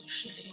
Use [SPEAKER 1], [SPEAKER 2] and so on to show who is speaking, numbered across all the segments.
[SPEAKER 1] Hallelujah,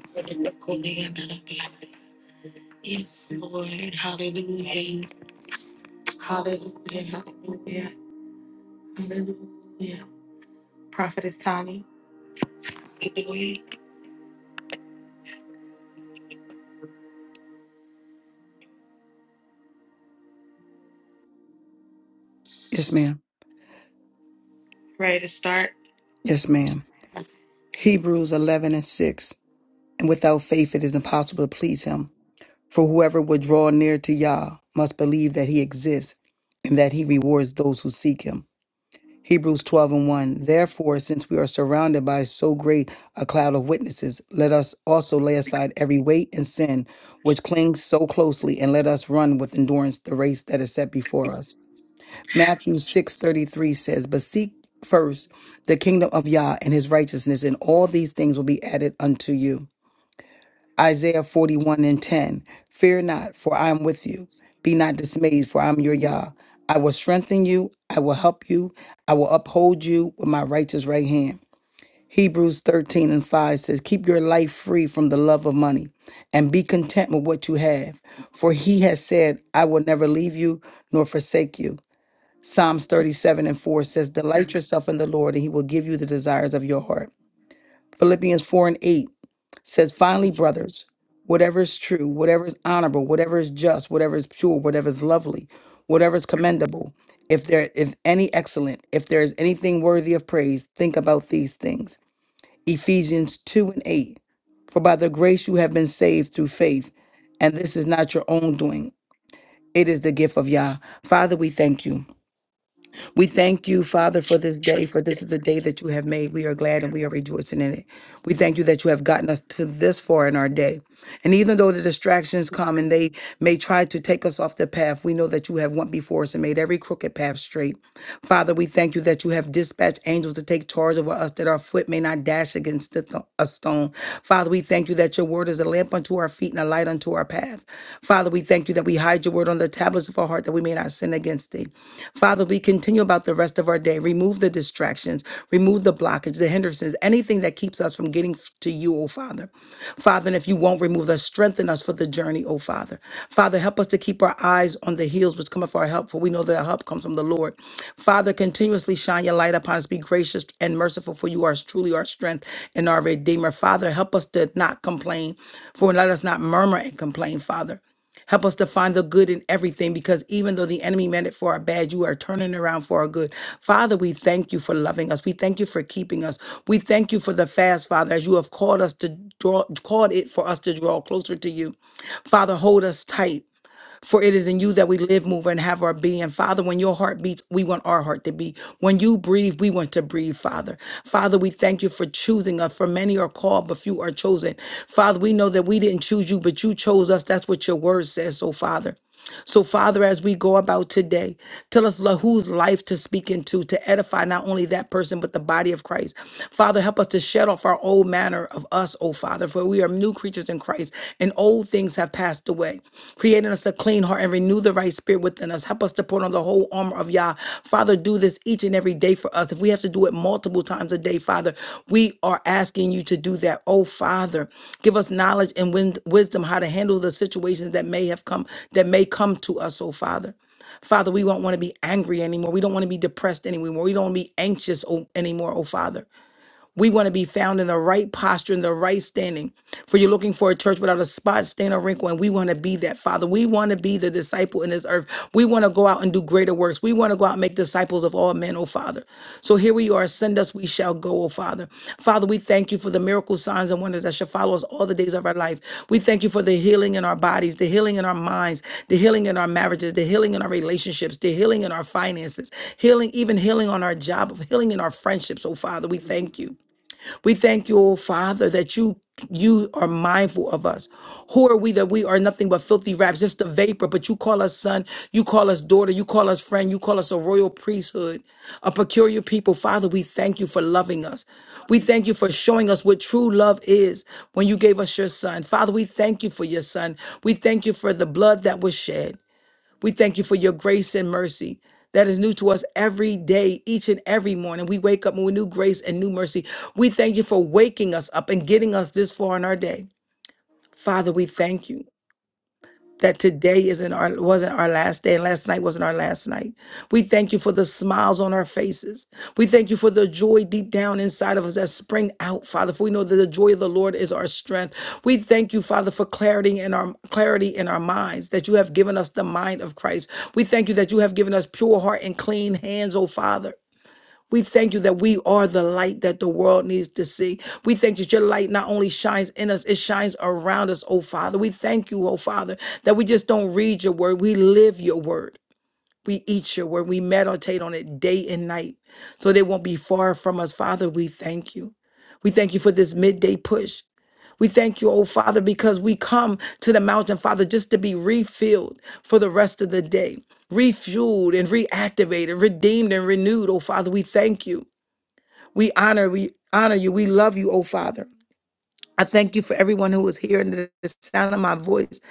[SPEAKER 1] hallelujah. Yes, Lord, hallelujah, hallelujah, hallelujah, hallelujah. Prophetess Tani,
[SPEAKER 2] Yes, ma'am.
[SPEAKER 1] ready to start?
[SPEAKER 2] Yes, ma'am. Hebrews 11 and 6. And without faith, it is impossible to please him. For whoever would draw near to Yah must believe that he exists and that he rewards those who seek him. Hebrews 12 and 1. Therefore, since we are surrounded by so great a cloud of witnesses, let us also lay aside every weight and sin which clings so closely, and let us run with endurance the race that is set before us. Matthew 6:33 says, "But seek first the kingdom of Yah and his righteousness, and all these things will be added unto you." Isaiah 41 and 10, "Fear not, for I am with you. Be not dismayed, for I am your Yah. I will strengthen you, I will help you, I will uphold you with my righteous right hand." Hebrews 13 and 5 says, Keep your life free from the love of money and be content with what you have. For he has said, I will never leave you nor forsake you. Psalms 37 and 4 says, Delight yourself in the Lord, and he will give you the desires of your heart. Philippians 4 and 8 says, Finally, brothers, whatever is true, whatever is honorable, whatever is just, whatever is pure, whatever is lovely, whatever is commendable, if there if any excellent, if there is anything worthy of praise, think about these things. Ephesians 2 and 8. For by the grace you have been saved through faith, and this is not your own doing. It is the gift of Yah. Father, we thank you. We thank you, Father, for this day, for this is the day that you have made. We are glad and we are rejoicing in it. We thank you that you have gotten us to this far in our day. And even though the distractions come and they may try to take us off the path, we know that you have went before us and made every crooked path straight. Father, we thank you that you have dispatched angels to take charge over us that our foot may not dash against the th- a stone. Father, we thank you that your word is a lamp unto our feet and a light unto our path. Father, we thank you that we hide your word on the tablets of our heart that we may not sin against thee. Father, we continue about the rest of our day. Remove the distractions, remove the blockage, the hindrances, anything that keeps us from us from getting f- to you, O Father. Father, and if you won't remove us, strengthen us for the journey, O Father. Father, help us to keep our eyes on the hills which cometh for our help, for we know that our help comes from the Lord. Father, continuously shine your light upon us. Be gracious and merciful, for you are truly our strength and our Redeemer. Father, help us to not complain, for let us not murmur and complain, Father. Help us to find the good in everything because even though the enemy meant it for our bad, you are turning around for our good. Father, we thank you for loving us. We thank you for keeping us. We thank you for the fast, Father, as you have called us to draw, called it for us to draw closer to you. Father, hold us tight. For it is in you that we live, move, and have our being. Father, when your heart beats, we want our heart to beat. When you breathe, we want to breathe, Father. Father, we thank you for choosing us, for many are called, but few are chosen. Father, we know that we didn't choose you, but you chose us. That's what your word says, so Father. So, Father, as we go about today, tell us Lord, whose life to speak into to edify not only that person, but the body of Christ. Father, help us to shed off our old manner of us, oh Father, for we are new creatures in Christ, and old things have passed away. Create in us a clean heart and renew the right spirit within us. Help us to put on the whole armor of Yah. Father, do this each and every day for us. If we have to do it multiple times a day, Father, we are asking you to do that. Oh, Father, give us knowledge and win- wisdom how to handle the situations that may have come, that may come to us, oh, Father. Father, we don't want to be angry anymore. We don't want to be depressed anymore. We don't want to be anxious oh, anymore, oh Father. We want to be found in the right posture, in the right standing. For you're looking for a church without a spot, stain, or wrinkle, and we want to be that, Father. We want to be the disciple in this earth. We want to go out and do greater works. We want to go out and make disciples of all men, oh Father. So here we are. Send us, we shall go, oh Father. Father, we thank you for the miracle signs and wonders that shall follow us all the days of our life. We thank you for the healing in our bodies, the healing in our minds, the healing in our marriages, the healing in our relationships, the healing in our finances, healing, even healing on our job, healing in our friendships, oh Father. We thank you. We thank you, oh Father, that you you are mindful of us. Who are we that we are nothing but filthy raps, just a vapor, but you call us son, you call us daughter, you call us friend, you call us a royal priesthood, a peculiar people. Father, we thank you for loving us. We thank you for showing us what true love is when you gave us your son. Father, we thank you for your son. We thank you for the blood that was shed. We thank you for your grace and mercy that is new to us every day, each and every morning. We wake up with new grace and new mercy. We thank you for waking us up and getting us this far in our day. Father, we thank you that today isn't our wasn't our last day and last night wasn't our last night. We thank you for the smiles on our faces. We thank you for the joy deep down inside of us that spring out, Father. For we know that the joy of the Lord is our strength. We thank you, Father, for clarity in our clarity in our minds, that you have given us the mind of Christ. We thank you that you have given us pure heart and clean hands, oh Father. We thank you that we are the light that the world needs to see. We thank you that your light not only shines in us, it shines around us, oh Father. We thank you, oh Father, that we just don't read your word, we live your word. We eat your word, we meditate on it day and night so they won't be far from us. Father, we thank you. We thank you for this midday push. We thank you, oh Father, because we come to the mountain, Father, just to be refilled for the rest of the day, refueled and reactivated, redeemed and renewed, oh Father. We thank you. We honor, we honor you. We love you, oh Father. I thank you for everyone who is hearing the the sound of my voice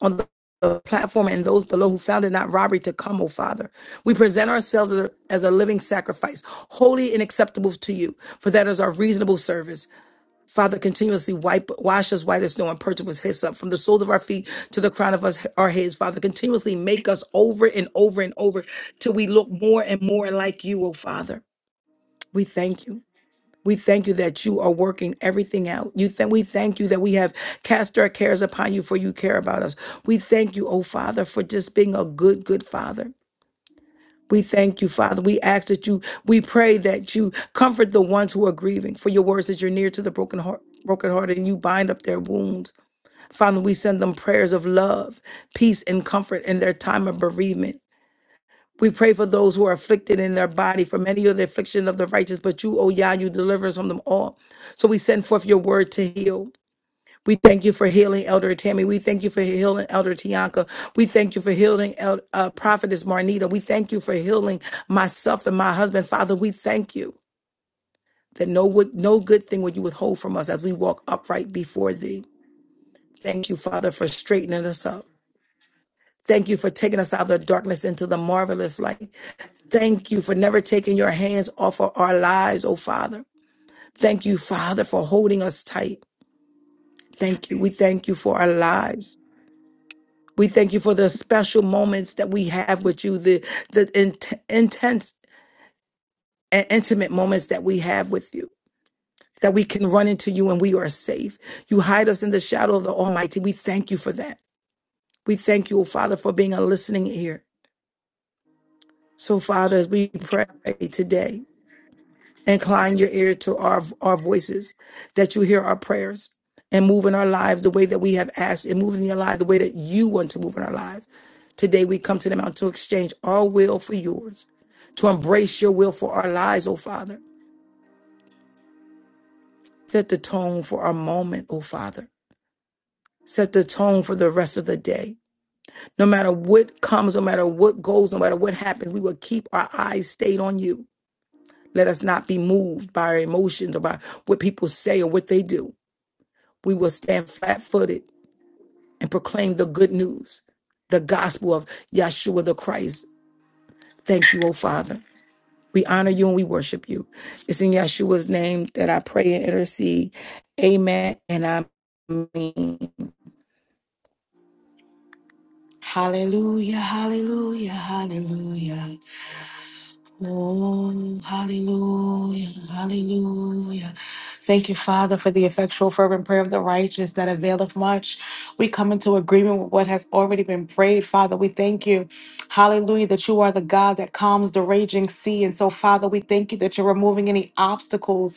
[SPEAKER 2] on the the platform and those below who found it not robbery to come, oh Father. We present ourselves as a, as a living sacrifice, holy and acceptable to you, for that is our reasonable service. Father, continuously wipe, wash us white as snow and purge us with hyssop from the soles of our feet to the crown of us, our heads. Father, continuously make us over and over and over till we look more and more like you, oh Father. We thank you. We thank you that you are working everything out. You thank we thank you that we have cast our cares upon you for you care about us. We thank you, oh Father, for just being a good, good Father. We thank you, Father. We ask that you, we pray that you comfort the ones who are grieving. For your words that you're near to the broken heart, brokenhearted, and you bind up their wounds. Father, we send them prayers of love, peace, and comfort in their time of bereavement. We pray for those who are afflicted in their body, for many are the affliction of the righteous, but you, O Yah, you deliver us from them all. So we send forth your word to heal. We thank you for healing Elder Tammy. We thank you for healing Elder Tianka. We thank you for healing El- uh, Prophetess Marnita. We thank you for healing myself and my husband. Father, we thank you that no, wo- no good thing would you withhold from us as we walk upright before thee. Thank you, Father, for straightening us up. Thank you for taking us out of the darkness into the marvelous light. Thank you for never taking your hands off of our lives, oh Father. Thank you, Father, for holding us tight. Thank you. We thank you for our lives. We thank you for the special moments that we have with you, the, the int- intense and intimate moments that we have with you, that we can run into you and we are safe. You hide us in the shadow of the Almighty. We thank you for that. We thank you, O Father, for being a listening ear. So, Father, as we pray today, Incline your ear to our, our voices, that you hear our prayers and move in our lives the way that we have asked and move in your life the way that you want to move in our lives. Today we come to the mountain to exchange our will for yours, to embrace your will for our lives, O Father. Set the tone for our moment, O Father. Set the tone for the rest of the day. No matter what comes, no matter what goes, no matter what happens, we will keep our eyes stayed on you. Let us not be moved by our emotions or by what people say or what they do we will stand flat footed and proclaim the good news, the gospel of Yeshua the Christ. Thank you, O Father. We honor you and we worship you. It's in Yeshua's name that I pray and intercede. Amen. And I mean,
[SPEAKER 1] Hallelujah, hallelujah, hallelujah. Oh, hallelujah, hallelujah. Thank you, Father, for the effectual, fervent prayer of the righteous that availeth much. We come into agreement with what has already been prayed, Father. We thank you, hallelujah, that you are the God that calms the raging sea. And so, Father, we thank you that you're removing any obstacles.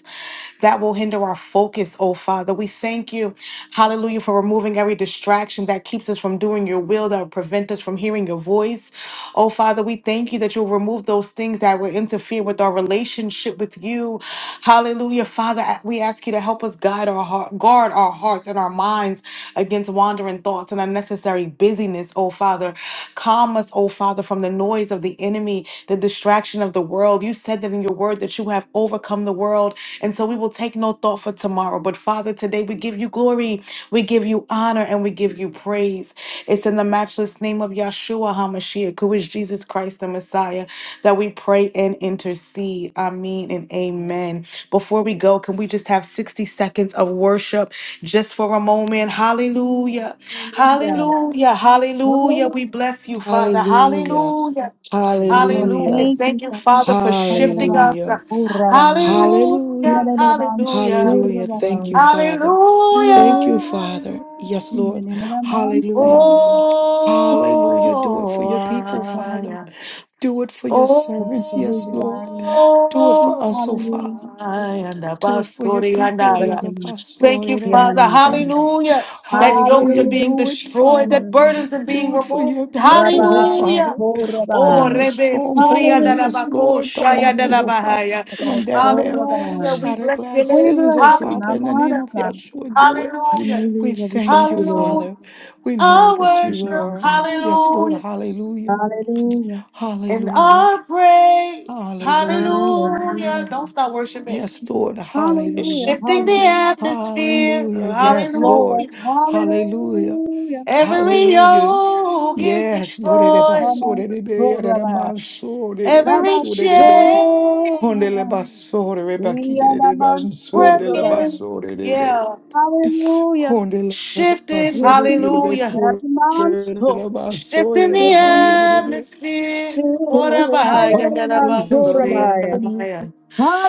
[SPEAKER 1] that will hinder our focus, oh Father. We thank you, hallelujah, for removing every distraction that keeps us from doing your will, that will prevent us from hearing your voice. Oh Father, we thank you that you'll remove those things that will interfere with our relationship with you. Hallelujah, Father. We ask you to help us guide our heart, guard our hearts and our minds against wandering thoughts and unnecessary busyness, oh Father. Calm us, oh Father, from the noise of the enemy, the distraction of the world. You said that in your word that you have overcome the world. And so we will take no thought for tomorrow. But Father, today we give you glory, we give you honor, and we give you praise. It's in the matchless name of Yahshua HaMashiach, who is Jesus Christ the Messiah, that we pray and intercede. Amen and amen. Before we go, can we just have 60 seconds of worship just for a moment? Hallelujah.
[SPEAKER 3] Hallelujah.
[SPEAKER 1] Hallelujah. Hallelujah.
[SPEAKER 3] Glory
[SPEAKER 1] We bless you, Father.
[SPEAKER 2] hallelujah,
[SPEAKER 1] Hallelujah.
[SPEAKER 3] to God.
[SPEAKER 1] Hallelujah.
[SPEAKER 2] hallelujah,
[SPEAKER 3] Thank
[SPEAKER 1] Thank
[SPEAKER 3] you,
[SPEAKER 1] you,
[SPEAKER 3] God.
[SPEAKER 1] Father, for shifting
[SPEAKER 3] Ayaraban,
[SPEAKER 1] us.
[SPEAKER 2] hallelujah,
[SPEAKER 3] urraban,
[SPEAKER 1] Hallelujah.
[SPEAKER 2] hallelujah,
[SPEAKER 3] yararaban,
[SPEAKER 1] Hallelujah.
[SPEAKER 2] hallelujah. Thank you,
[SPEAKER 3] urraban.
[SPEAKER 2] Father. Thank you,
[SPEAKER 1] Hallelujah. Hallelujah.
[SPEAKER 3] Hallelujah.
[SPEAKER 2] Father. Yes, Lord.
[SPEAKER 3] Yanaraman,
[SPEAKER 2] Hallelujah.
[SPEAKER 3] Father.
[SPEAKER 2] Hallelujah. Do it for your people, Father.
[SPEAKER 1] Oh,
[SPEAKER 3] Hallelujah.
[SPEAKER 2] Do it for your
[SPEAKER 1] Oh,
[SPEAKER 3] Thank you
[SPEAKER 2] servants.
[SPEAKER 3] for who
[SPEAKER 2] Yes,
[SPEAKER 3] you
[SPEAKER 2] Lord.
[SPEAKER 3] are, Lord.
[SPEAKER 2] Do it for us, oh Father.
[SPEAKER 3] Hallelujah.
[SPEAKER 1] I and the
[SPEAKER 2] Do it for your
[SPEAKER 1] Bastori and
[SPEAKER 2] people.
[SPEAKER 3] Bless
[SPEAKER 2] dear
[SPEAKER 1] I.
[SPEAKER 3] your name.
[SPEAKER 2] Abbas,
[SPEAKER 1] Thank
[SPEAKER 2] Lord,
[SPEAKER 1] you,
[SPEAKER 2] and
[SPEAKER 3] We
[SPEAKER 2] Abba.
[SPEAKER 3] honor
[SPEAKER 1] Father.
[SPEAKER 3] you,
[SPEAKER 2] Thank
[SPEAKER 3] Father.
[SPEAKER 2] you.
[SPEAKER 1] Hallelujah. That yokes are
[SPEAKER 2] Hallelujah.
[SPEAKER 1] being
[SPEAKER 2] Do
[SPEAKER 3] Hallelujah.
[SPEAKER 2] it,
[SPEAKER 1] destroyed,
[SPEAKER 2] Father.
[SPEAKER 1] that burdens are being
[SPEAKER 2] Do it for
[SPEAKER 1] removed.
[SPEAKER 2] your people, oh
[SPEAKER 3] Rabbi,
[SPEAKER 1] Hallelujah.
[SPEAKER 2] Father.
[SPEAKER 3] oh,
[SPEAKER 2] Put
[SPEAKER 1] Oh,
[SPEAKER 2] down the
[SPEAKER 3] Rabbi.
[SPEAKER 1] Rebe Suri and
[SPEAKER 2] strongholds, yes,
[SPEAKER 3] Hallelujah.
[SPEAKER 1] Alabako,
[SPEAKER 2] Lord. The
[SPEAKER 1] Shaya and
[SPEAKER 3] Hallelujah.
[SPEAKER 2] altars, oh Father.
[SPEAKER 1] Alabahaya.
[SPEAKER 2] Bring them down
[SPEAKER 3] Oh,
[SPEAKER 2] now.
[SPEAKER 3] Rabbi.
[SPEAKER 1] Hallelujah.
[SPEAKER 3] Urabai.
[SPEAKER 1] We
[SPEAKER 2] Shatter
[SPEAKER 1] bless your
[SPEAKER 2] glass
[SPEAKER 1] name.
[SPEAKER 3] We
[SPEAKER 2] ceilings, oh
[SPEAKER 3] bless you,
[SPEAKER 2] Father. In the name
[SPEAKER 1] Hallelujah.
[SPEAKER 2] of
[SPEAKER 3] Namarsa.
[SPEAKER 2] Yeshua, do it.
[SPEAKER 1] Hallelujah.
[SPEAKER 2] We
[SPEAKER 3] Hallelujah. We
[SPEAKER 2] thank
[SPEAKER 3] thank
[SPEAKER 2] you,
[SPEAKER 3] you, Lord.
[SPEAKER 1] Hallelujah.
[SPEAKER 2] Father. We know
[SPEAKER 1] I
[SPEAKER 2] that
[SPEAKER 3] We
[SPEAKER 2] you
[SPEAKER 1] worship.
[SPEAKER 3] thank
[SPEAKER 2] are,
[SPEAKER 3] you.
[SPEAKER 2] yes, Lord,
[SPEAKER 1] Hallelujah.
[SPEAKER 2] hallelujah,
[SPEAKER 3] Hallelujah.
[SPEAKER 1] And
[SPEAKER 2] hallelujah,
[SPEAKER 1] our praise,
[SPEAKER 2] hallelujah.
[SPEAKER 1] hallelujah. Don't
[SPEAKER 3] Hallelujah.
[SPEAKER 1] stop worshiping.
[SPEAKER 2] Yes, Lord,
[SPEAKER 1] It's
[SPEAKER 3] Hallelujah.
[SPEAKER 2] hallelujah,
[SPEAKER 1] shifting the
[SPEAKER 3] Hallelujah.
[SPEAKER 1] atmosphere,
[SPEAKER 2] hallelujah,
[SPEAKER 3] Yes,
[SPEAKER 2] yes, Lord,
[SPEAKER 3] Lord.
[SPEAKER 1] hallelujah.
[SPEAKER 2] hallelujah,
[SPEAKER 3] Hallelujah.
[SPEAKER 1] Every
[SPEAKER 2] hallelujah.
[SPEAKER 1] yoke is
[SPEAKER 2] Yes, Lord,
[SPEAKER 1] destroyed,
[SPEAKER 3] Namas Toraba.
[SPEAKER 1] every
[SPEAKER 3] Namas
[SPEAKER 1] chain
[SPEAKER 3] Toraba. Yadamans Toraba.
[SPEAKER 1] broken,
[SPEAKER 2] Hallelujah.
[SPEAKER 1] yeah.
[SPEAKER 3] Hallelujah.
[SPEAKER 2] Honde le
[SPEAKER 1] Shifted,
[SPEAKER 3] Yes,
[SPEAKER 2] basure de be
[SPEAKER 3] indeed.
[SPEAKER 1] hallelujah.
[SPEAKER 2] cure
[SPEAKER 3] Yadamans
[SPEAKER 2] de la
[SPEAKER 3] Toraba.
[SPEAKER 2] basoya
[SPEAKER 1] Shifting
[SPEAKER 2] de
[SPEAKER 3] Yes,
[SPEAKER 1] the
[SPEAKER 2] la maya de be.
[SPEAKER 1] atmosphere.
[SPEAKER 2] Oh, Father, yes, Lord, you
[SPEAKER 1] Orabaya,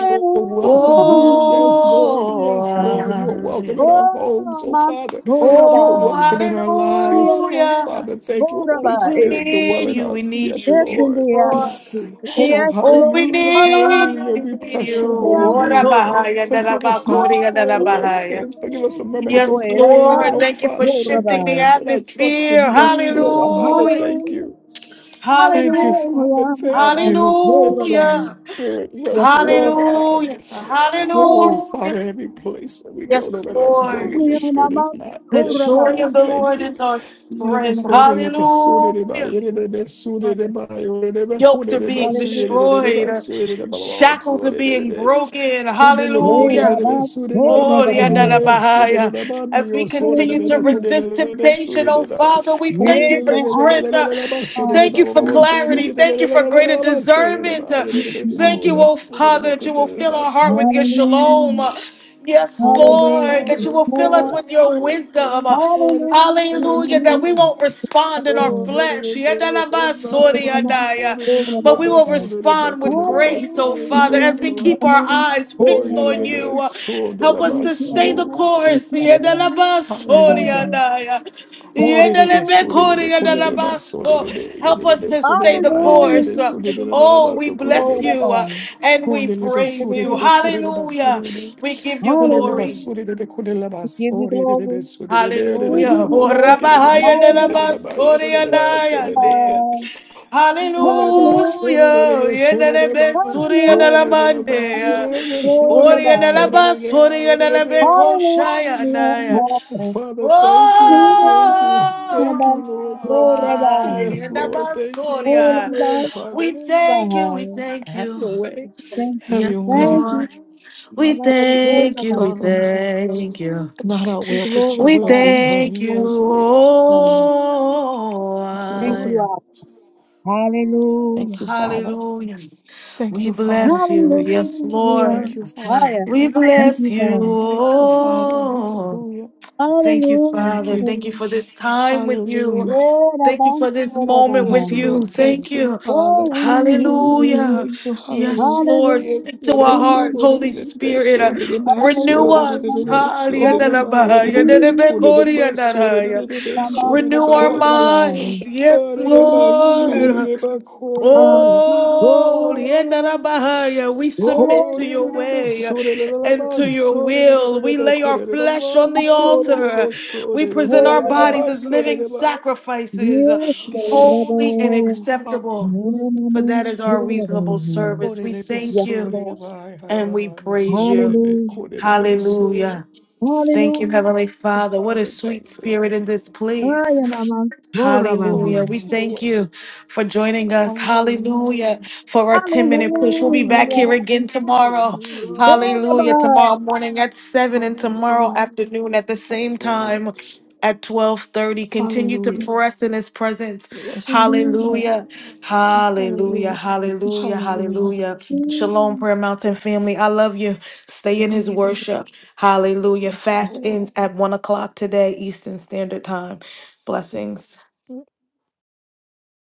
[SPEAKER 2] are welcome here. Yes, Lord,
[SPEAKER 1] Oh,
[SPEAKER 2] yes, Lord, you
[SPEAKER 1] ah,
[SPEAKER 2] are
[SPEAKER 1] yeah.
[SPEAKER 2] welcome in our homes.
[SPEAKER 3] Oh,
[SPEAKER 2] Oh,
[SPEAKER 3] Mams
[SPEAKER 2] Father, you are
[SPEAKER 1] Oh,
[SPEAKER 2] welcome
[SPEAKER 3] Borabai.
[SPEAKER 2] in our lives. Oh,
[SPEAKER 3] Yanarayan
[SPEAKER 1] hallelujah.
[SPEAKER 2] Father, thank you, Holy
[SPEAKER 1] We
[SPEAKER 3] Borabai.
[SPEAKER 2] Spirit, dwell
[SPEAKER 1] need
[SPEAKER 2] in
[SPEAKER 1] you, we
[SPEAKER 2] us.
[SPEAKER 1] need
[SPEAKER 2] Yes,
[SPEAKER 1] you.
[SPEAKER 3] It's in
[SPEAKER 2] Lord.
[SPEAKER 1] Yes,
[SPEAKER 3] the
[SPEAKER 1] Lord.
[SPEAKER 3] atmosphere.
[SPEAKER 2] Oh,
[SPEAKER 3] Yes,
[SPEAKER 1] Oh, we
[SPEAKER 3] Lord.
[SPEAKER 2] hallelujah,
[SPEAKER 1] need
[SPEAKER 3] Rabai.
[SPEAKER 1] you,
[SPEAKER 2] hallelujah.
[SPEAKER 1] we
[SPEAKER 2] We
[SPEAKER 1] need
[SPEAKER 2] bless
[SPEAKER 1] you.
[SPEAKER 2] your holy
[SPEAKER 3] Rabai.
[SPEAKER 1] Oh,
[SPEAKER 2] name.
[SPEAKER 1] Rabahaya,
[SPEAKER 2] Forgive us, Father,
[SPEAKER 1] Darabakori,
[SPEAKER 2] for all of our
[SPEAKER 1] Darabahaya.
[SPEAKER 2] sins. Forgive us for murmuring
[SPEAKER 3] Hallelujah.
[SPEAKER 2] and
[SPEAKER 1] Yes,
[SPEAKER 3] Wait,
[SPEAKER 2] complaining. And
[SPEAKER 1] Lord.
[SPEAKER 3] Rabai.
[SPEAKER 2] oh,
[SPEAKER 1] Thank you for
[SPEAKER 2] Father,
[SPEAKER 1] shifting
[SPEAKER 2] forgive
[SPEAKER 1] the
[SPEAKER 3] Borabai.
[SPEAKER 2] us that I trust in
[SPEAKER 1] atmosphere.
[SPEAKER 3] Yes,
[SPEAKER 2] you. Oh,
[SPEAKER 3] Lord.
[SPEAKER 2] Father,
[SPEAKER 1] Hallelujah.
[SPEAKER 2] thank
[SPEAKER 3] Hallelujah.
[SPEAKER 2] you. Thank you, Father.
[SPEAKER 3] Hallelujah.
[SPEAKER 2] Thank
[SPEAKER 3] Rabai.
[SPEAKER 2] you. Let your
[SPEAKER 3] Borabai.
[SPEAKER 2] spirit rest,
[SPEAKER 3] Yes,
[SPEAKER 2] rule, and
[SPEAKER 3] Lord.
[SPEAKER 2] abide. Oh,
[SPEAKER 3] Hallelujah.
[SPEAKER 2] Father, every place that we
[SPEAKER 1] Yes,
[SPEAKER 2] go, don't let us go where your spirit is
[SPEAKER 3] Rabai.
[SPEAKER 2] not. Yes, Lord,
[SPEAKER 3] Borabai.
[SPEAKER 2] we thank you.
[SPEAKER 3] Yes,
[SPEAKER 2] Let us go
[SPEAKER 3] Lord.
[SPEAKER 2] to the Bessude de Bayere de Bessude de
[SPEAKER 3] Father.
[SPEAKER 2] Bayere de
[SPEAKER 1] yo.
[SPEAKER 2] Bacune de Bassuye
[SPEAKER 3] Hallelujah.
[SPEAKER 2] de Bassuye de Babasude de Hundelele
[SPEAKER 3] Yeah,
[SPEAKER 2] de
[SPEAKER 3] about
[SPEAKER 2] Bessude
[SPEAKER 3] four
[SPEAKER 2] de Babade
[SPEAKER 3] of us.
[SPEAKER 2] de Sude de Badio Sode de
[SPEAKER 3] Hallelujah.
[SPEAKER 2] Bacune de Sude de
[SPEAKER 1] Father, we thank
[SPEAKER 3] Yeah,
[SPEAKER 1] you for
[SPEAKER 3] they are
[SPEAKER 1] strength. Uh,
[SPEAKER 2] Hundelele Bassude de
[SPEAKER 3] all.
[SPEAKER 1] Thank you for
[SPEAKER 3] Yes,
[SPEAKER 2] Babasuye
[SPEAKER 3] Lord,
[SPEAKER 1] clarity.
[SPEAKER 2] de
[SPEAKER 1] Thank you for greater
[SPEAKER 2] Bassuye de
[SPEAKER 1] discernment. Uh,
[SPEAKER 2] Bayere
[SPEAKER 3] thank
[SPEAKER 2] de
[SPEAKER 3] you,
[SPEAKER 1] Thank
[SPEAKER 2] Bessuye
[SPEAKER 1] you,
[SPEAKER 3] Abba.
[SPEAKER 1] oh
[SPEAKER 2] de
[SPEAKER 1] Father, that you
[SPEAKER 2] Bacune
[SPEAKER 1] will
[SPEAKER 2] de
[SPEAKER 1] fill our heart with your shalom.
[SPEAKER 3] Hallelujah.
[SPEAKER 1] Uh, Yes,
[SPEAKER 2] Oh,
[SPEAKER 1] Lord,
[SPEAKER 3] Hallelujah.
[SPEAKER 1] that you
[SPEAKER 3] Yes,
[SPEAKER 2] Father,
[SPEAKER 1] will fill
[SPEAKER 2] do
[SPEAKER 1] us
[SPEAKER 3] Lord.
[SPEAKER 2] it,
[SPEAKER 1] with your
[SPEAKER 2] do it,
[SPEAKER 1] wisdom.
[SPEAKER 2] do
[SPEAKER 1] Uh,
[SPEAKER 2] it,
[SPEAKER 3] Hallelujah. Na,
[SPEAKER 1] Hallelujah,
[SPEAKER 3] na,
[SPEAKER 1] that
[SPEAKER 3] na.
[SPEAKER 1] we
[SPEAKER 2] Father.
[SPEAKER 1] won't respond in our
[SPEAKER 3] Four
[SPEAKER 1] flesh.
[SPEAKER 2] Hallelujah.
[SPEAKER 3] of us,
[SPEAKER 1] Yadalabasoriyadaya.
[SPEAKER 3] four of
[SPEAKER 1] But we will
[SPEAKER 3] us.
[SPEAKER 1] respond with grace, oh Father,
[SPEAKER 3] Hallelujah.
[SPEAKER 1] as we
[SPEAKER 3] Na,
[SPEAKER 1] keep our
[SPEAKER 3] na,
[SPEAKER 1] eyes
[SPEAKER 3] four
[SPEAKER 1] fixed
[SPEAKER 3] of
[SPEAKER 1] on
[SPEAKER 3] us.
[SPEAKER 1] you. Uh, Help us
[SPEAKER 3] Thank
[SPEAKER 1] to
[SPEAKER 3] you,
[SPEAKER 1] stay the
[SPEAKER 3] Abba. Thank
[SPEAKER 1] course.
[SPEAKER 3] you, Abba. Hallelujah.
[SPEAKER 1] Yedelabasoriadaya. Yedelebekoriadelabaso. Help us to stay the
[SPEAKER 3] Hallelujah.
[SPEAKER 1] course.
[SPEAKER 3] Hallelujah.
[SPEAKER 1] Oh, we bless
[SPEAKER 3] Lord of
[SPEAKER 1] you uh,
[SPEAKER 3] all.
[SPEAKER 1] and we
[SPEAKER 2] Oh,
[SPEAKER 1] praise you.
[SPEAKER 3] Hallelujah.
[SPEAKER 1] Hallelujah. We give you
[SPEAKER 3] Hallelujah.
[SPEAKER 1] glory.
[SPEAKER 3] We give you glory. We give
[SPEAKER 1] Hallelujah.
[SPEAKER 3] you glory. Hallelujah.
[SPEAKER 1] Orabahayadelabasoreadayande.
[SPEAKER 2] Oh, Father,
[SPEAKER 3] Hallelujah.
[SPEAKER 1] Hallelujah.
[SPEAKER 3] Hallelujah.
[SPEAKER 1] Yedelebesuriadelamande.
[SPEAKER 3] Hallelujah. Hallelujah. Hallelujah. Oh, Rabbi. Oh,
[SPEAKER 1] Oriadelabasoreadelebekoshayandaya.
[SPEAKER 2] thank you, thank you, thank you, Lord, thank you.
[SPEAKER 1] Oh,
[SPEAKER 2] Yes,
[SPEAKER 1] in
[SPEAKER 3] Rabbi.
[SPEAKER 1] the
[SPEAKER 2] Lord, thank you. Have
[SPEAKER 3] Oh,
[SPEAKER 2] your
[SPEAKER 1] Mansoria.
[SPEAKER 2] way, Father.
[SPEAKER 1] we thank you, we
[SPEAKER 3] Rabbi.
[SPEAKER 1] thank
[SPEAKER 2] Have
[SPEAKER 1] you.
[SPEAKER 2] your way.
[SPEAKER 3] Thank
[SPEAKER 2] Have
[SPEAKER 3] you.
[SPEAKER 2] your
[SPEAKER 1] Yes,
[SPEAKER 3] Thank
[SPEAKER 2] way.
[SPEAKER 3] you.
[SPEAKER 1] Lord. We
[SPEAKER 3] Rabbi.
[SPEAKER 2] Have your way,
[SPEAKER 3] Oh,
[SPEAKER 1] thank you,
[SPEAKER 3] Rabbi.
[SPEAKER 1] we
[SPEAKER 2] Father.
[SPEAKER 1] thank you.
[SPEAKER 2] Not our
[SPEAKER 3] Be
[SPEAKER 2] will, but your
[SPEAKER 1] We
[SPEAKER 2] will be
[SPEAKER 3] glorified.
[SPEAKER 2] done.
[SPEAKER 1] thank you.
[SPEAKER 2] Yes,
[SPEAKER 3] Thanks.
[SPEAKER 2] Lord.
[SPEAKER 3] Thank
[SPEAKER 1] Oh,
[SPEAKER 2] Thank you, Lord.
[SPEAKER 3] you,
[SPEAKER 1] I-
[SPEAKER 3] Abba.
[SPEAKER 2] Thank
[SPEAKER 3] Hallelujah.
[SPEAKER 2] you, Father.
[SPEAKER 1] hallelujah.
[SPEAKER 2] Thank
[SPEAKER 1] We
[SPEAKER 2] you, Father.
[SPEAKER 1] bless you. Yes,
[SPEAKER 3] Hallelujah.
[SPEAKER 2] Thank
[SPEAKER 1] Lord.
[SPEAKER 2] you, Father.
[SPEAKER 1] We
[SPEAKER 2] Thank you.
[SPEAKER 3] Thank
[SPEAKER 1] bless
[SPEAKER 3] you, Father.
[SPEAKER 2] Thank you, Father.
[SPEAKER 1] you.
[SPEAKER 2] Hallelujah.
[SPEAKER 1] Thank you,
[SPEAKER 3] Hallelujah.
[SPEAKER 2] Thank
[SPEAKER 1] Father.
[SPEAKER 2] you.
[SPEAKER 1] Thank you
[SPEAKER 3] Hallelujah.
[SPEAKER 1] for this time with you.
[SPEAKER 2] Hallelujah.
[SPEAKER 3] Yeah,
[SPEAKER 1] Thank you
[SPEAKER 3] Rabban,
[SPEAKER 1] for
[SPEAKER 3] so
[SPEAKER 1] this moment with
[SPEAKER 2] Yes,
[SPEAKER 3] Rabban.
[SPEAKER 1] you.
[SPEAKER 2] Lord.
[SPEAKER 1] Thank
[SPEAKER 2] Thank you,
[SPEAKER 1] you.
[SPEAKER 3] Oh,
[SPEAKER 2] Father.
[SPEAKER 3] we need
[SPEAKER 1] Hallelujah.
[SPEAKER 2] Thank
[SPEAKER 3] you.
[SPEAKER 2] you.
[SPEAKER 1] Yes,
[SPEAKER 2] Hallelujah.
[SPEAKER 1] Lord.
[SPEAKER 3] Hallelujah.
[SPEAKER 2] Yes,
[SPEAKER 1] Speak
[SPEAKER 2] yeah,
[SPEAKER 1] to
[SPEAKER 2] that is
[SPEAKER 1] our
[SPEAKER 3] We
[SPEAKER 2] my
[SPEAKER 3] need
[SPEAKER 1] hearts,
[SPEAKER 2] soul, that
[SPEAKER 1] Holy
[SPEAKER 2] is my
[SPEAKER 1] Spirit. Uh,
[SPEAKER 2] soul, that is my
[SPEAKER 1] renew
[SPEAKER 2] soul, that
[SPEAKER 3] hallelujah.
[SPEAKER 2] is
[SPEAKER 1] us.
[SPEAKER 2] my
[SPEAKER 3] Rabban.
[SPEAKER 2] soul, that is
[SPEAKER 3] Oh,
[SPEAKER 2] my-
[SPEAKER 3] we
[SPEAKER 2] soul,
[SPEAKER 3] need
[SPEAKER 2] that is my soul, that is my
[SPEAKER 3] Rabban,
[SPEAKER 2] soul, that is
[SPEAKER 1] Renew
[SPEAKER 3] so
[SPEAKER 1] our
[SPEAKER 2] my-
[SPEAKER 3] Rabban.
[SPEAKER 1] minds.
[SPEAKER 2] Ah,
[SPEAKER 1] Yes,
[SPEAKER 2] that
[SPEAKER 3] We
[SPEAKER 2] is my
[SPEAKER 3] need
[SPEAKER 2] soul, that
[SPEAKER 1] Lord.
[SPEAKER 3] you.
[SPEAKER 2] is my soul, that is my soul, that is my
[SPEAKER 3] Hallelujah.
[SPEAKER 2] soul, that is my
[SPEAKER 1] Oh,
[SPEAKER 2] soul,
[SPEAKER 3] Oh,
[SPEAKER 1] Lienarabahaya, we
[SPEAKER 3] yeah,
[SPEAKER 1] submit
[SPEAKER 2] Oh,
[SPEAKER 1] to your
[SPEAKER 3] Rabban,
[SPEAKER 1] way and to your will. We lay our flesh on the
[SPEAKER 3] so
[SPEAKER 1] altar. We present our bodies
[SPEAKER 3] Rabban.
[SPEAKER 1] as living sacrifices,
[SPEAKER 3] Yes, Lord
[SPEAKER 1] holy and
[SPEAKER 3] Rabbi.
[SPEAKER 2] fuck.
[SPEAKER 1] acceptable, for that is our reasonable
[SPEAKER 3] Hallelujah.
[SPEAKER 1] service.
[SPEAKER 2] Oh,
[SPEAKER 1] We thank
[SPEAKER 3] Yes,
[SPEAKER 1] you
[SPEAKER 3] Lord.
[SPEAKER 1] and we praise you.
[SPEAKER 3] Hallelujah.
[SPEAKER 1] Hallelujah. Thank you,
[SPEAKER 3] Hallelujah.
[SPEAKER 1] Heavenly Father. What a
[SPEAKER 2] Father,
[SPEAKER 1] sweet
[SPEAKER 2] thank you.
[SPEAKER 1] spirit in this place.
[SPEAKER 3] Ayanama, Gorabaha.
[SPEAKER 1] Hallelujah.
[SPEAKER 2] Holy
[SPEAKER 1] We thank
[SPEAKER 2] Lord.
[SPEAKER 1] you for joining us.
[SPEAKER 2] Hallelujah.
[SPEAKER 1] Hallelujah. For our 10 minute push.
[SPEAKER 2] Hallelujah. Hallelujah.
[SPEAKER 1] We'll be back here
[SPEAKER 3] Hallelujah.
[SPEAKER 2] Hallelujah.
[SPEAKER 1] again tomorrow. Hallelujah.
[SPEAKER 3] Gorabah.
[SPEAKER 1] Tomorrow morning at 7 and
[SPEAKER 2] Hallelujah.
[SPEAKER 1] tomorrow
[SPEAKER 2] Hallelujah.
[SPEAKER 1] afternoon at the same
[SPEAKER 2] Hallelujah.
[SPEAKER 1] time at 12:30. Continue to
[SPEAKER 2] Hallelujah.
[SPEAKER 1] press in his presence.
[SPEAKER 2] Yes.
[SPEAKER 3] Hallelujah.
[SPEAKER 1] Hallelujah. Hallelujah.
[SPEAKER 2] Hallelujah.
[SPEAKER 1] Hallelujah.
[SPEAKER 2] Hallelujah.
[SPEAKER 1] Hallelujah. Shalom, Prayer Mountain family. I love you. Stay in his
[SPEAKER 2] Hallelujah.
[SPEAKER 1] worship. Hallelujah.
[SPEAKER 2] Yes,
[SPEAKER 1] Fast
[SPEAKER 2] Lord.
[SPEAKER 1] ends at one o'clock today, Eastern Standard Time.
[SPEAKER 2] Yes,
[SPEAKER 1] Blessings.
[SPEAKER 2] Lord.